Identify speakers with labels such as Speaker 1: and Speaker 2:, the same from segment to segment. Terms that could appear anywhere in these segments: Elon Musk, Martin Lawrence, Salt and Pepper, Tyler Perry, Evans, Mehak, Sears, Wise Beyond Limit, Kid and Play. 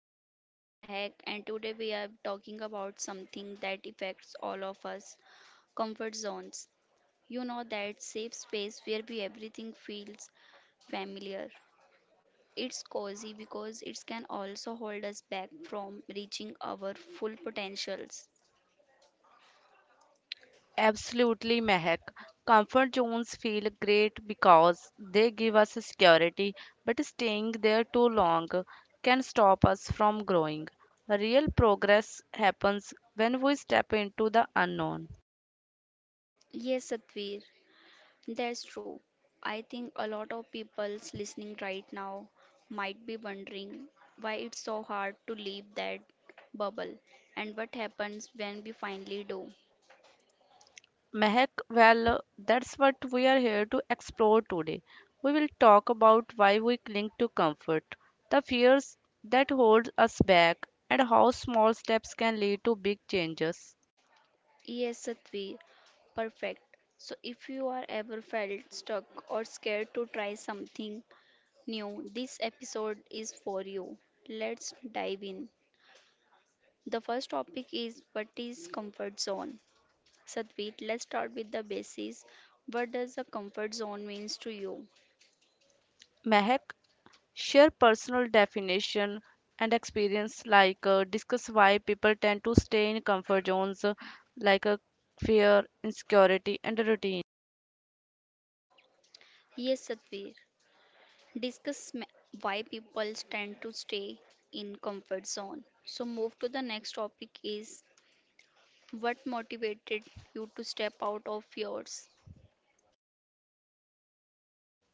Speaker 1: I'm your host Mehak, and today we are talking about something that affects all of us, comfort zones. You know that safe space where we everything feels familiar. It's cozy because it can also hold us back from reaching our full potentials.
Speaker 2: Absolutely, Mehak. Comfort zones feel great because they give us security, but staying there too long can stop us from growing. Real progress happens when we step into the unknown.
Speaker 1: Yes, Satvir. That's true. I think a lot of people's listening right now might be wondering why it's so hard to leave that bubble and what happens when we finally do.
Speaker 2: Mehak, well, that's what we are here to explore today. We will talk about why we cling to comfort, the fears that hold us back, and how small steps can lead to big changes.
Speaker 1: Yes, Satvi, perfect. So if you are ever felt stuck or scared to try something new, this episode is for you. Let's dive in. The first topic is what is comfort zone? Satveet, let's start with the basics. What does the comfort zone means to you?
Speaker 2: Mehak, share personal definition and experience discuss why people tend to stay in comfort zones like uh, fear insecurity and routine.
Speaker 1: Yes, Satveer, discuss why people tend to stay in comfort zone. So move to the next topic is what motivated you to step out of yours.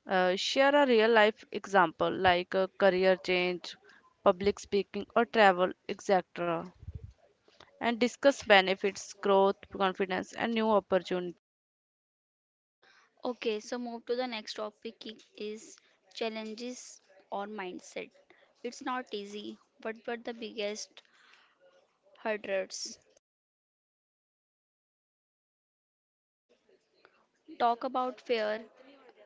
Speaker 2: Share a real life example career change public speaking or travel etc and discuss benefits growth confidence and new opportunities.
Speaker 1: Okay, so move to the next topic is challenges or mindset. It's not easy, but what the biggest hurdles? Talk about fear,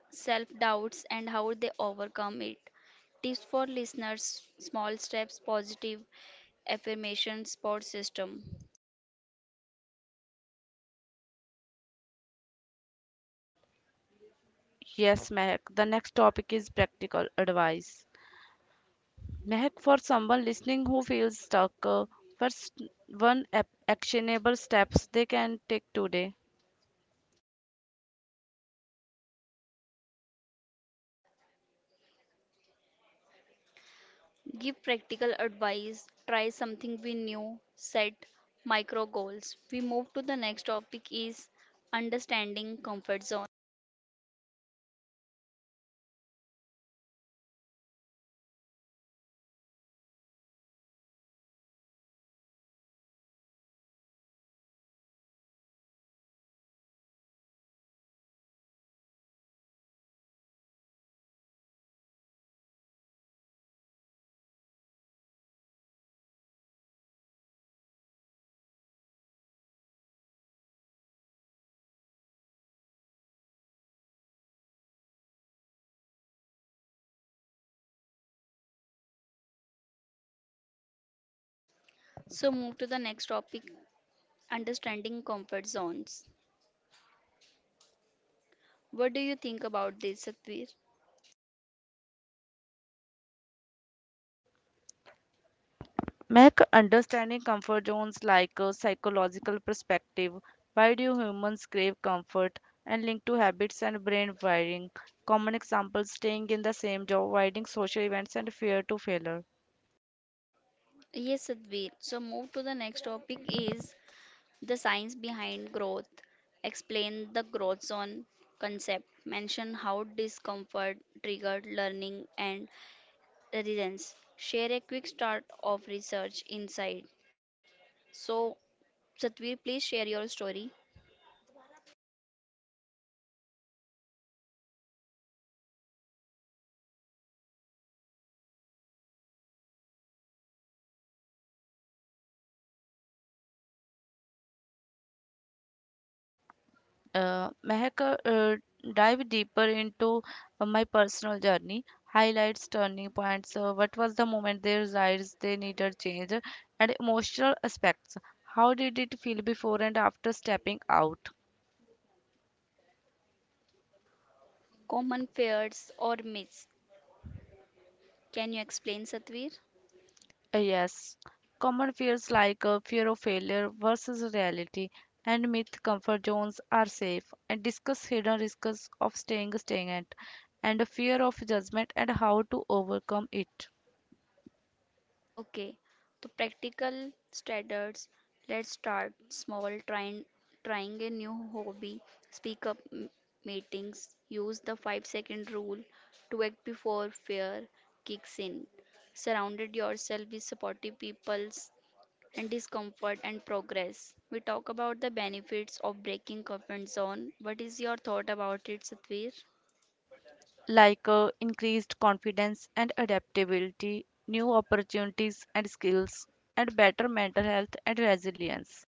Speaker 1: self doubts, and how they overcome it. Tips for listeners small steps, positive affirmation, support system.
Speaker 2: Yes, mehak, the next topic is practical advice. Mehak, for someone listening who feels stuck, what's actionable steps they can take today?
Speaker 1: Give practical advice, try something we new, set micro goals. We move to the next topic is understanding comfort zone. So move to the next topic understanding comfort zones. What do you think about this, Satvir?
Speaker 2: Mehak, understanding comfort zones like a psychological perspective. Why do humans crave comfort and linked to habits and brain wiring? Common examples staying in the same job, avoiding social events, and fear to failure.
Speaker 1: Yes, Sadhvir. So move to the next topic is the science behind growth, explain the growth zone concept, mention how discomfort triggered learning and resilience. Share a quick start of research insight. So, Satvir, please share your story.
Speaker 2: Mehak, dive deeper into my personal journey, highlights, turning points, what was the moment they realized they needed change, and emotional aspects. How did it feel before and after stepping out?
Speaker 1: Common fears or myths. Can you explain, Satvir?
Speaker 2: Yes, common fears like fear of failure versus reality and myth comfort zones are safe and discuss hidden risks of staying stagnant and fear of judgment and how to overcome it.
Speaker 1: Okay, so practical standards. Let's start small, trying a new hobby. Speak up meetings. Use the 5-second rule to act before fear kicks in. Surrounded yourself with supportive peoples and discomfort and progress. We talk about the benefits of breaking comfort zone. What is your thought about it, Satvir?
Speaker 2: Increased confidence and adaptability, new opportunities and skills, and better mental health and resilience.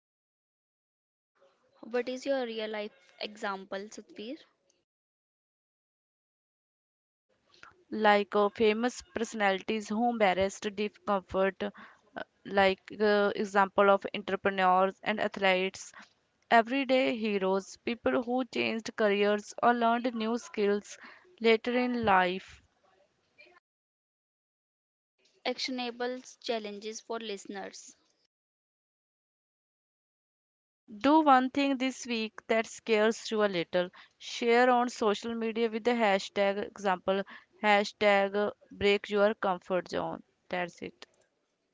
Speaker 1: What is your real life example, Satvir?
Speaker 2: Famous personalities who embraced discomfort, like example of entrepreneurs and athletes, everyday heroes, people who changed careers or learned new skills later in life.
Speaker 1: Actionable challenges for listeners.
Speaker 2: Do one thing this week that scares you a little. Share on social media with the hashtag example hashtag break your comfort zone. That's it.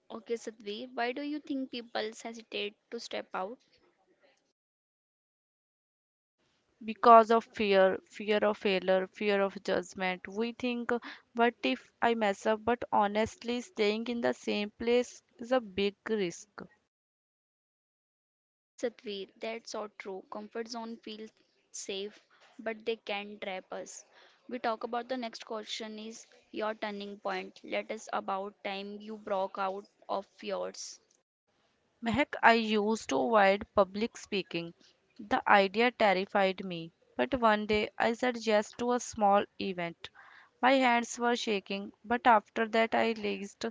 Speaker 1: Okay, Satveer, why do you think people hesitate to step out?
Speaker 2: Because of fear, fear of failure, fear of judgment, we think, what if I mess up? But honestly, staying in the same place is a big risk.
Speaker 1: Yes, Satveer, that's so true. Comfort zone feels safe, but they can trap us. We talk about the next question is your turning point. Let us about time you broke out of yours.
Speaker 2: Mehak, I used to avoid public speaking. The idea terrified me. But one day I said yes to a small event. My hands were shaking, but after that I realized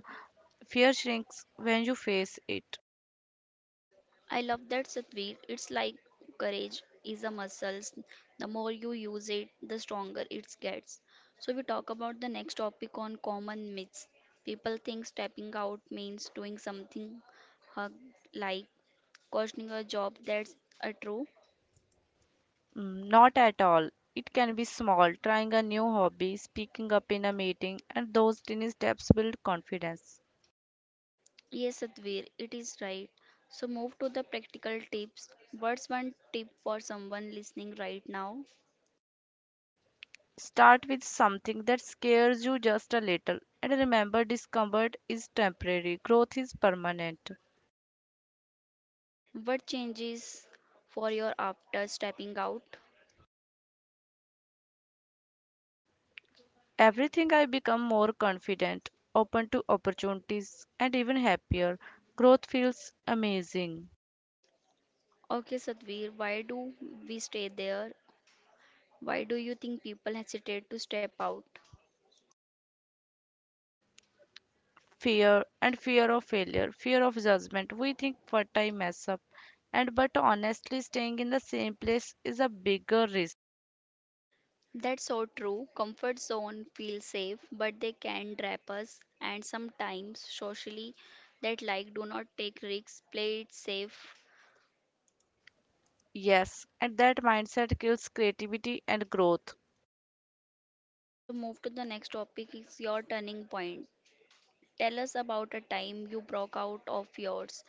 Speaker 2: fear shrinks when you face it.
Speaker 1: I love that, Satvir. It's like courage is a muscle. The more you use it, the stronger it gets. So, we talk about the next topic on common myths. People think stepping out means doing something uh, like questioning a job. That's a true.
Speaker 2: Mm, not at all. It can be small, trying a new hobby, speaking up in a meeting, and those tiny steps build confidence.
Speaker 1: Yes, Satvir, it is right. So, move to the practical tips. What's one tip for someone listening right now?
Speaker 2: Start with something that scares you just a little, and remember discomfort is temporary, growth is permanent.
Speaker 1: What changes for your after stepping out?
Speaker 2: Everything I become more confident, open to opportunities, and even happier. Growth feels amazing.
Speaker 1: Okay, Satvir, why do we stay there? Why do you think people hesitate to step out?
Speaker 2: Fear and fear of failure, fear of judgment. We think what I mess up, and but honestly, staying in the same place is a bigger risk.
Speaker 1: That's so true. Comfort zone feels safe, but they can trap us, and sometimes socially, that like do not take risks, play it safe.
Speaker 2: Yes, and that mindset kills creativity and growth.
Speaker 1: So, move to the next topic is your turning point. Tell us about a time you broke out of yours.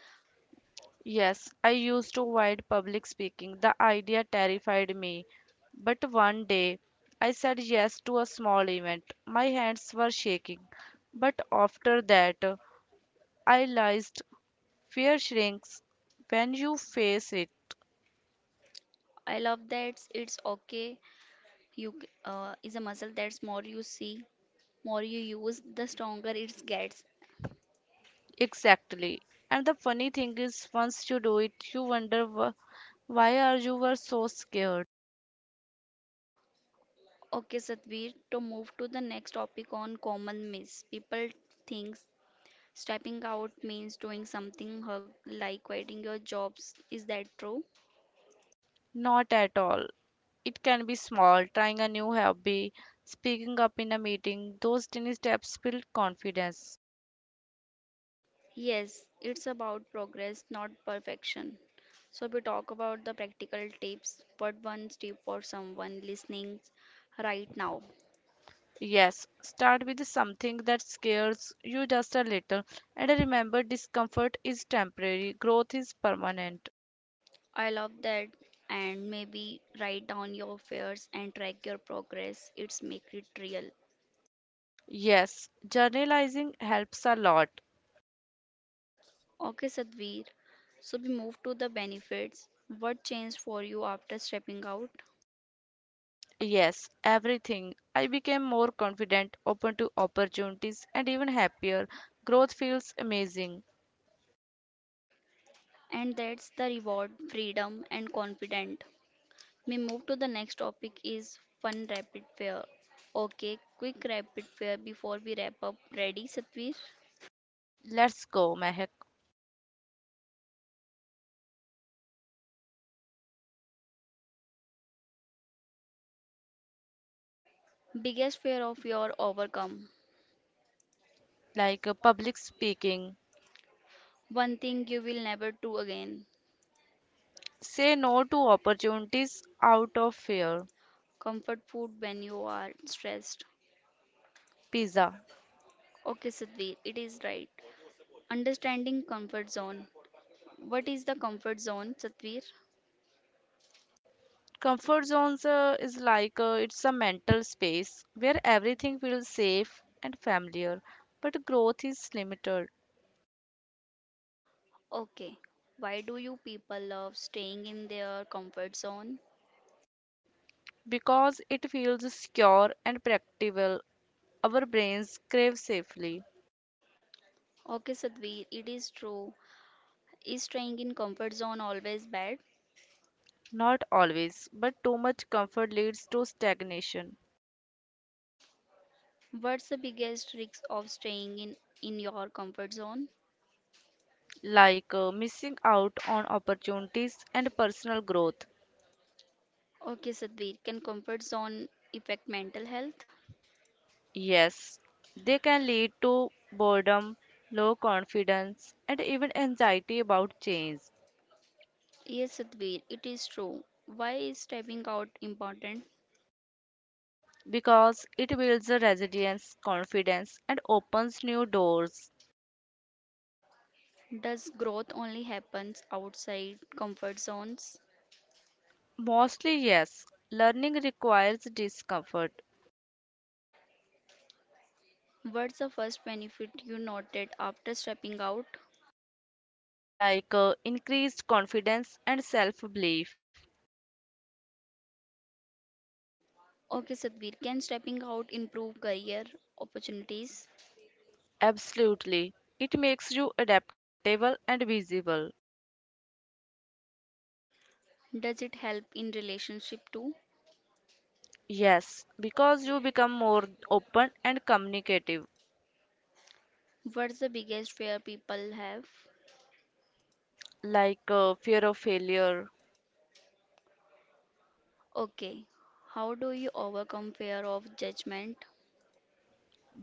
Speaker 2: Yes, I used to avoid public speaking. The idea terrified me. But one day, I said yes to a small event. My hands were shaking. But after that, I realized fear shrinks when you face it.
Speaker 1: I love that it's okay. Is a muscle that's more you see, more you use, the stronger it gets.
Speaker 2: Exactly. And the funny thing is, once you do it, you wonder why are you were so scared?
Speaker 1: Okay, Satvir, to move to the next topic on common myths. People think stepping out means doing something hug, like quitting your jobs. Is that true?
Speaker 2: Not at all. It can be small, trying a new hobby, speaking up in a meeting. Those tiny steps build confidence.
Speaker 1: Yes, it's about progress, not perfection. So we talk about the practical tips. What one tip for someone listening right now?
Speaker 2: Yes, start with something that scares you just a little. And remember, discomfort is temporary, growth is permanent.
Speaker 1: I love that. And maybe write down your fears and track your progress. It's make it real.
Speaker 2: Yes, journalizing helps a lot.
Speaker 1: Okay, Sadhvir. So we move to the benefits. What changed for you after stepping out?
Speaker 2: Yes, everything. I became more confident, open to opportunities, and even happier. Growth feels amazing.
Speaker 1: And that's the reward, freedom, and confident. We move to the next topic is fun rapid fire. Okay, quick rapid fire before we wrap up. Ready, Satvir?
Speaker 2: Let's go, Mehak.
Speaker 1: Biggest fear of your overcome.
Speaker 2: Public speaking.
Speaker 1: One thing you will never do again.
Speaker 2: Say no to opportunities out of fear.
Speaker 1: Comfort food when you are stressed.
Speaker 2: Pizza.
Speaker 1: Okay, Satvir, it is right. Understanding comfort zone. What is the comfort zone, Satvir?
Speaker 2: Comfort zones is like it's a mental space where everything feels safe and familiar, but growth is limited
Speaker 1: Okay, why do you people love staying in their comfort zone?
Speaker 2: because it feels secure and practical. Our brains crave safely,
Speaker 1: Okay, Sadhvi, it is true. Is staying in comfort zone always bad?
Speaker 2: not always, but too much comfort leads to stagnation,
Speaker 1: What's the biggest risk of staying in your comfort zone?
Speaker 2: missing out on opportunities and personal growth.
Speaker 1: Okay, Sadhvi, can comfort zone affect mental health?
Speaker 2: Yes, they can lead to boredom, low confidence, and even anxiety about change
Speaker 1: Yes, Sadhvi, it is true. Why is stepping out important?
Speaker 2: because it builds a resilience, confidence, and opens new doors.
Speaker 1: Does growth only happens outside comfort zones?
Speaker 2: Mostly, yes, learning requires discomfort,
Speaker 1: What's the first benefit you noted after stepping out?
Speaker 2: increased confidence and self belief.
Speaker 1: Okay, Sadhvir, can stepping out improve career opportunities?
Speaker 2: Absolutely, it makes you adaptable and visible.
Speaker 1: Does it help in relationship too?
Speaker 2: Yes, because you become more open and communicative,
Speaker 1: What's the biggest fear people have?
Speaker 2: fear of failure
Speaker 1: Okay, how do you overcome fear of judgment?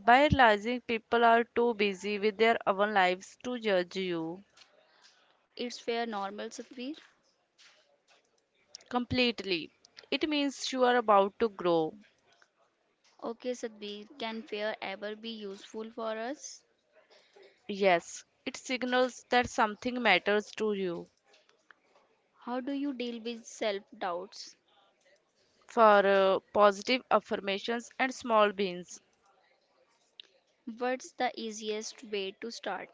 Speaker 2: by realizing people are too busy with their own lives to judge you
Speaker 1: Is fear normal, Sadhvir?
Speaker 2: completely. It means you are about to grow.
Speaker 1: Okay, Sadhvir, can fear ever be useful for us?
Speaker 2: Yes, it signals that something matters to you.
Speaker 1: How do you deal with self doubts?
Speaker 2: For Positive affirmations and small wins,
Speaker 1: What's the easiest way to start?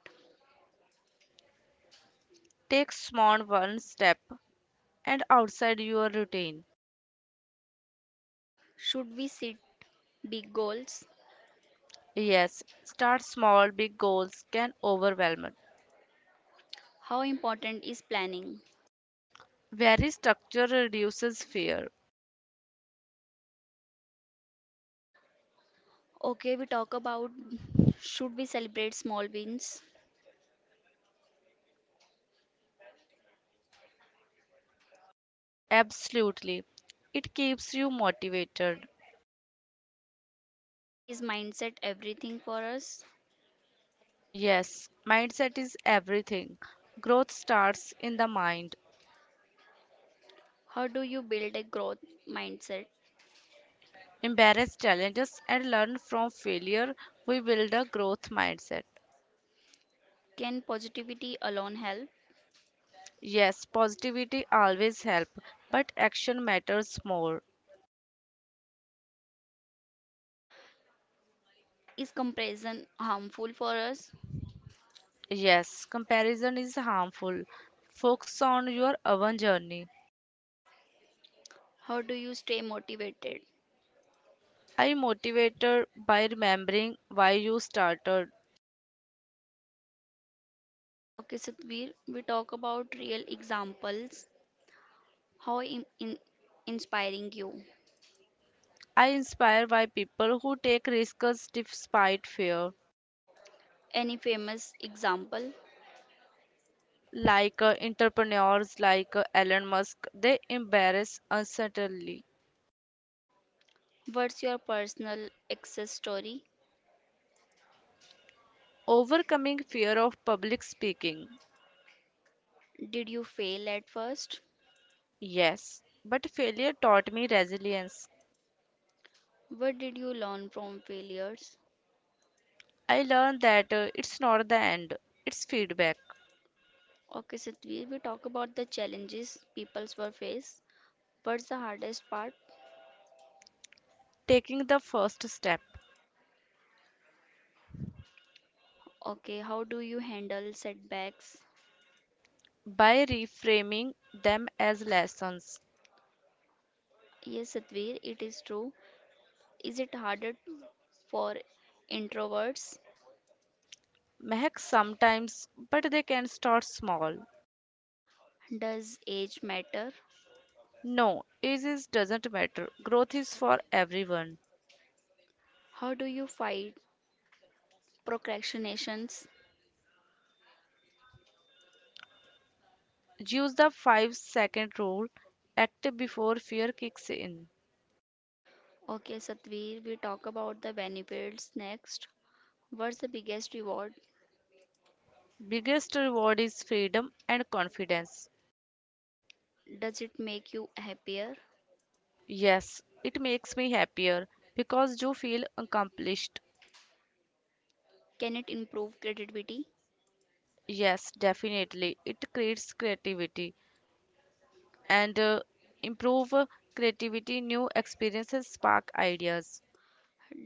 Speaker 2: take small one step and outside your routine.
Speaker 1: Should we set big goals?
Speaker 2: Yes, start small, big goals can overwhelm it.
Speaker 1: How important is planning?
Speaker 2: Very structure reduces fear.
Speaker 1: Okay, we talk about should we celebrate small wins?
Speaker 2: Absolutely. It keeps you motivated.
Speaker 1: Is mindset everything for us?
Speaker 2: Yes, mindset is everything. Growth starts in the mind.
Speaker 1: How do you build a growth mindset?
Speaker 2: Embrace challenges and learn from failure. We build a growth mindset.
Speaker 1: Can positivity alone help?
Speaker 2: Yes, positivity always help, but action matters more.
Speaker 1: Is comparison harmful for us?
Speaker 2: Yes, comparison is harmful. Focus on your own journey.
Speaker 1: How do you stay motivated?
Speaker 2: I motivated by remembering why you started.
Speaker 1: Okay, Satvir, we talk about real examples. How inspiring you?
Speaker 2: I inspire by people who take risks despite fear.
Speaker 1: Any famous example?
Speaker 2: Entrepreneurs like Elon Musk, they embrace uncertainty,
Speaker 1: What's your personal success story?
Speaker 2: overcoming fear of public speaking.
Speaker 1: Did you fail at first?
Speaker 2: Yes, but failure taught me resilience.
Speaker 1: What did you learn from failures?
Speaker 2: I learned that it's not the end, it's feedback,
Speaker 1: Okay, Satvi, we talk about the challenges peoples were faced. What's the hardest part?
Speaker 2: taking the first step
Speaker 1: Okay, how do you handle setbacks?
Speaker 2: by reframing them as lessons.
Speaker 1: Yes, Satvi, it is true. Is it harder for introverts?
Speaker 2: Mehak sometimes, but they can start small.
Speaker 1: Does age matter?
Speaker 2: No, ages doesn't matter. Growth is for everyone.
Speaker 1: How do you fight procrastinations?
Speaker 2: Use the 5-second rule. Act before fear kicks in.
Speaker 1: Okay, Satvi, we talk about the benefits next. What's the biggest reward?
Speaker 2: Biggest reward is freedom and confidence.
Speaker 1: Does it make you happier?
Speaker 2: Yes, it makes me happier because you feel accomplished.
Speaker 1: Can it improve creativity?
Speaker 2: Yes, definitely. It creates creativity and improve creativity, new experiences spark ideas.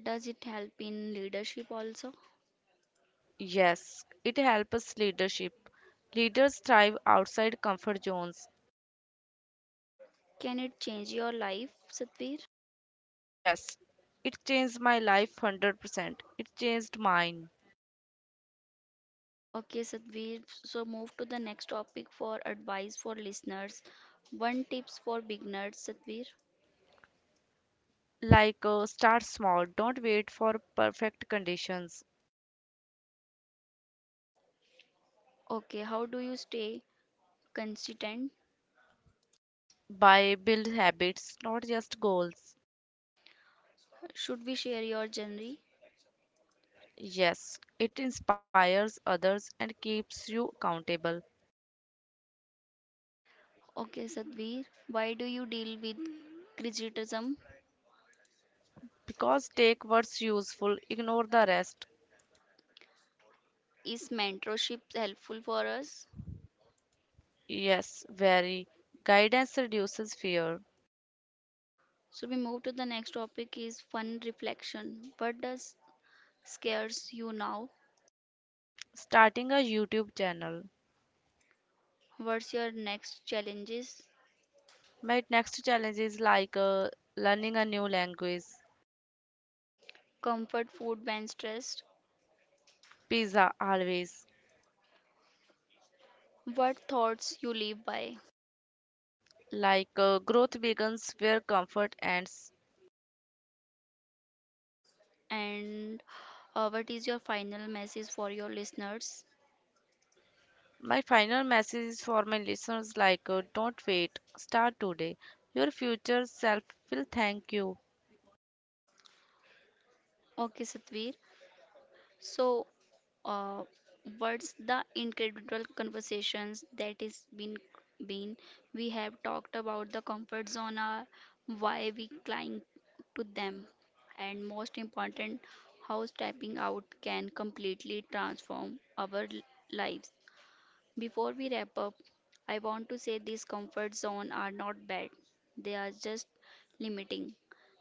Speaker 1: Does it help in leadership also?
Speaker 2: Yes, it helps leadership. Leaders thrive outside comfort zones.
Speaker 1: Can it change your life, Satvir?
Speaker 2: Yes, it changed my life 100%. It changed mine.
Speaker 1: Okay, Satvir. So move to the next topic for advice for listeners. One tips for beginners, Satvir.
Speaker 2: Start small don't wait for perfect conditions
Speaker 1: Okay, how do you stay consistent?
Speaker 2: by build habits not just goals.
Speaker 1: Should we share your journey?
Speaker 2: Yes, it inspires others and keeps you accountable
Speaker 1: Okay, Satvir. Why do you deal with criticism?
Speaker 2: because take what's useful ignore the rest.
Speaker 1: Is mentorship helpful for us?
Speaker 2: Yes, very guidance reduces fear
Speaker 1: So we move to the next topic is fun reflection. What does scares you now?
Speaker 2: starting a youtube channel.
Speaker 1: What's your next challenges?
Speaker 2: My next challenge is learning a new language.
Speaker 1: Comfort food when stressed.
Speaker 2: Pizza always.
Speaker 1: What thoughts you live by?
Speaker 2: Growth begins where comfort ends.
Speaker 1: And what is your final message for your listeners?
Speaker 2: My final message is for my listeners don't wait, start today. Your future self will thank you.
Speaker 1: Okay, Satvir. So, uh, what's the incredible conversations that is been? We have talked about the comfort zone, why we cling to them, and most important, how stepping out can completely transform our lives. Before we wrap up, I want to say these comfort zones are not bad. They are just limiting.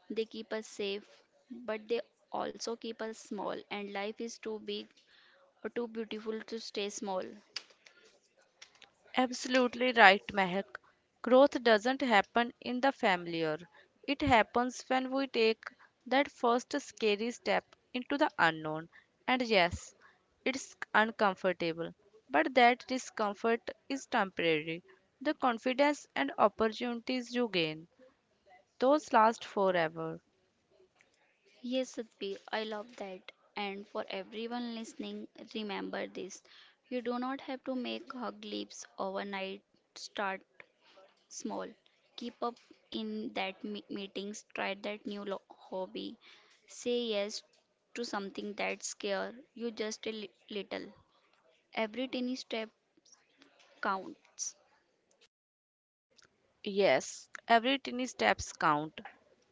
Speaker 1: They keep us safe, but they also keep us small, and life is too big or too beautiful to stay small.
Speaker 2: Absolutely right, Mehak. Growth doesn't happen in the familiar. It happens when we take that first scary step into the unknown. And yes, it's uncomfortable, but that discomfort is temporary. The confidence and opportunities you gain, those last forever.
Speaker 1: Yes, Satvi, I love that. And for everyone listening, remember this. You do not have to make hug leaps overnight start small. Keep up in that meetings, try that new hobby. Say yes to something that scare you just a little. Every tiny step counts
Speaker 2: Yes, every tiny steps count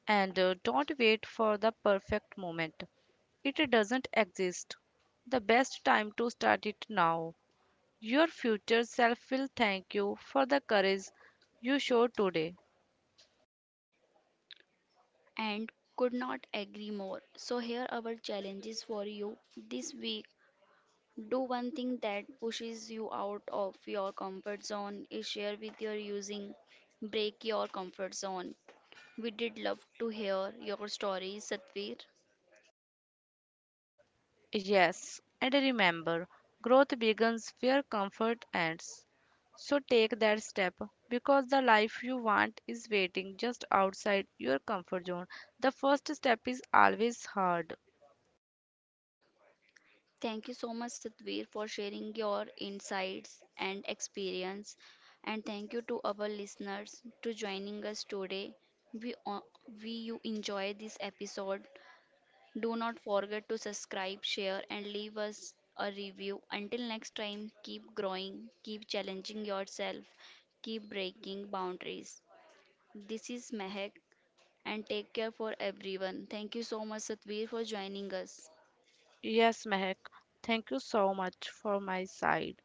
Speaker 2: and don't wait for the perfect moment. It doesn't exist. The best time to start it now. Your future self will thank you for the courage you show today.
Speaker 1: and could not agree more. So here are our challenges for you this week. Do one thing that pushes you out of your comfort zone is share with your using break your comfort zone. We did love to hear your stories, Satvir.
Speaker 2: Yes, and remember, growth begins where comfort ends. So take that step because the life you want is waiting just outside your comfort zone. The first step is always hard.
Speaker 1: Thank you so much, Satvir, for sharing your insights and experience. And thank you to our listeners to joining us today. We, o- we you enjoy this episode. Do not forget to subscribe, share, and leave us a review. Until next time, keep growing, keep challenging yourself, keep breaking boundaries. This is Mehak, and take care for everyone. Thank you so much, Satvir, for joining us.
Speaker 2: Yes, Mehak, thank you so much for my side.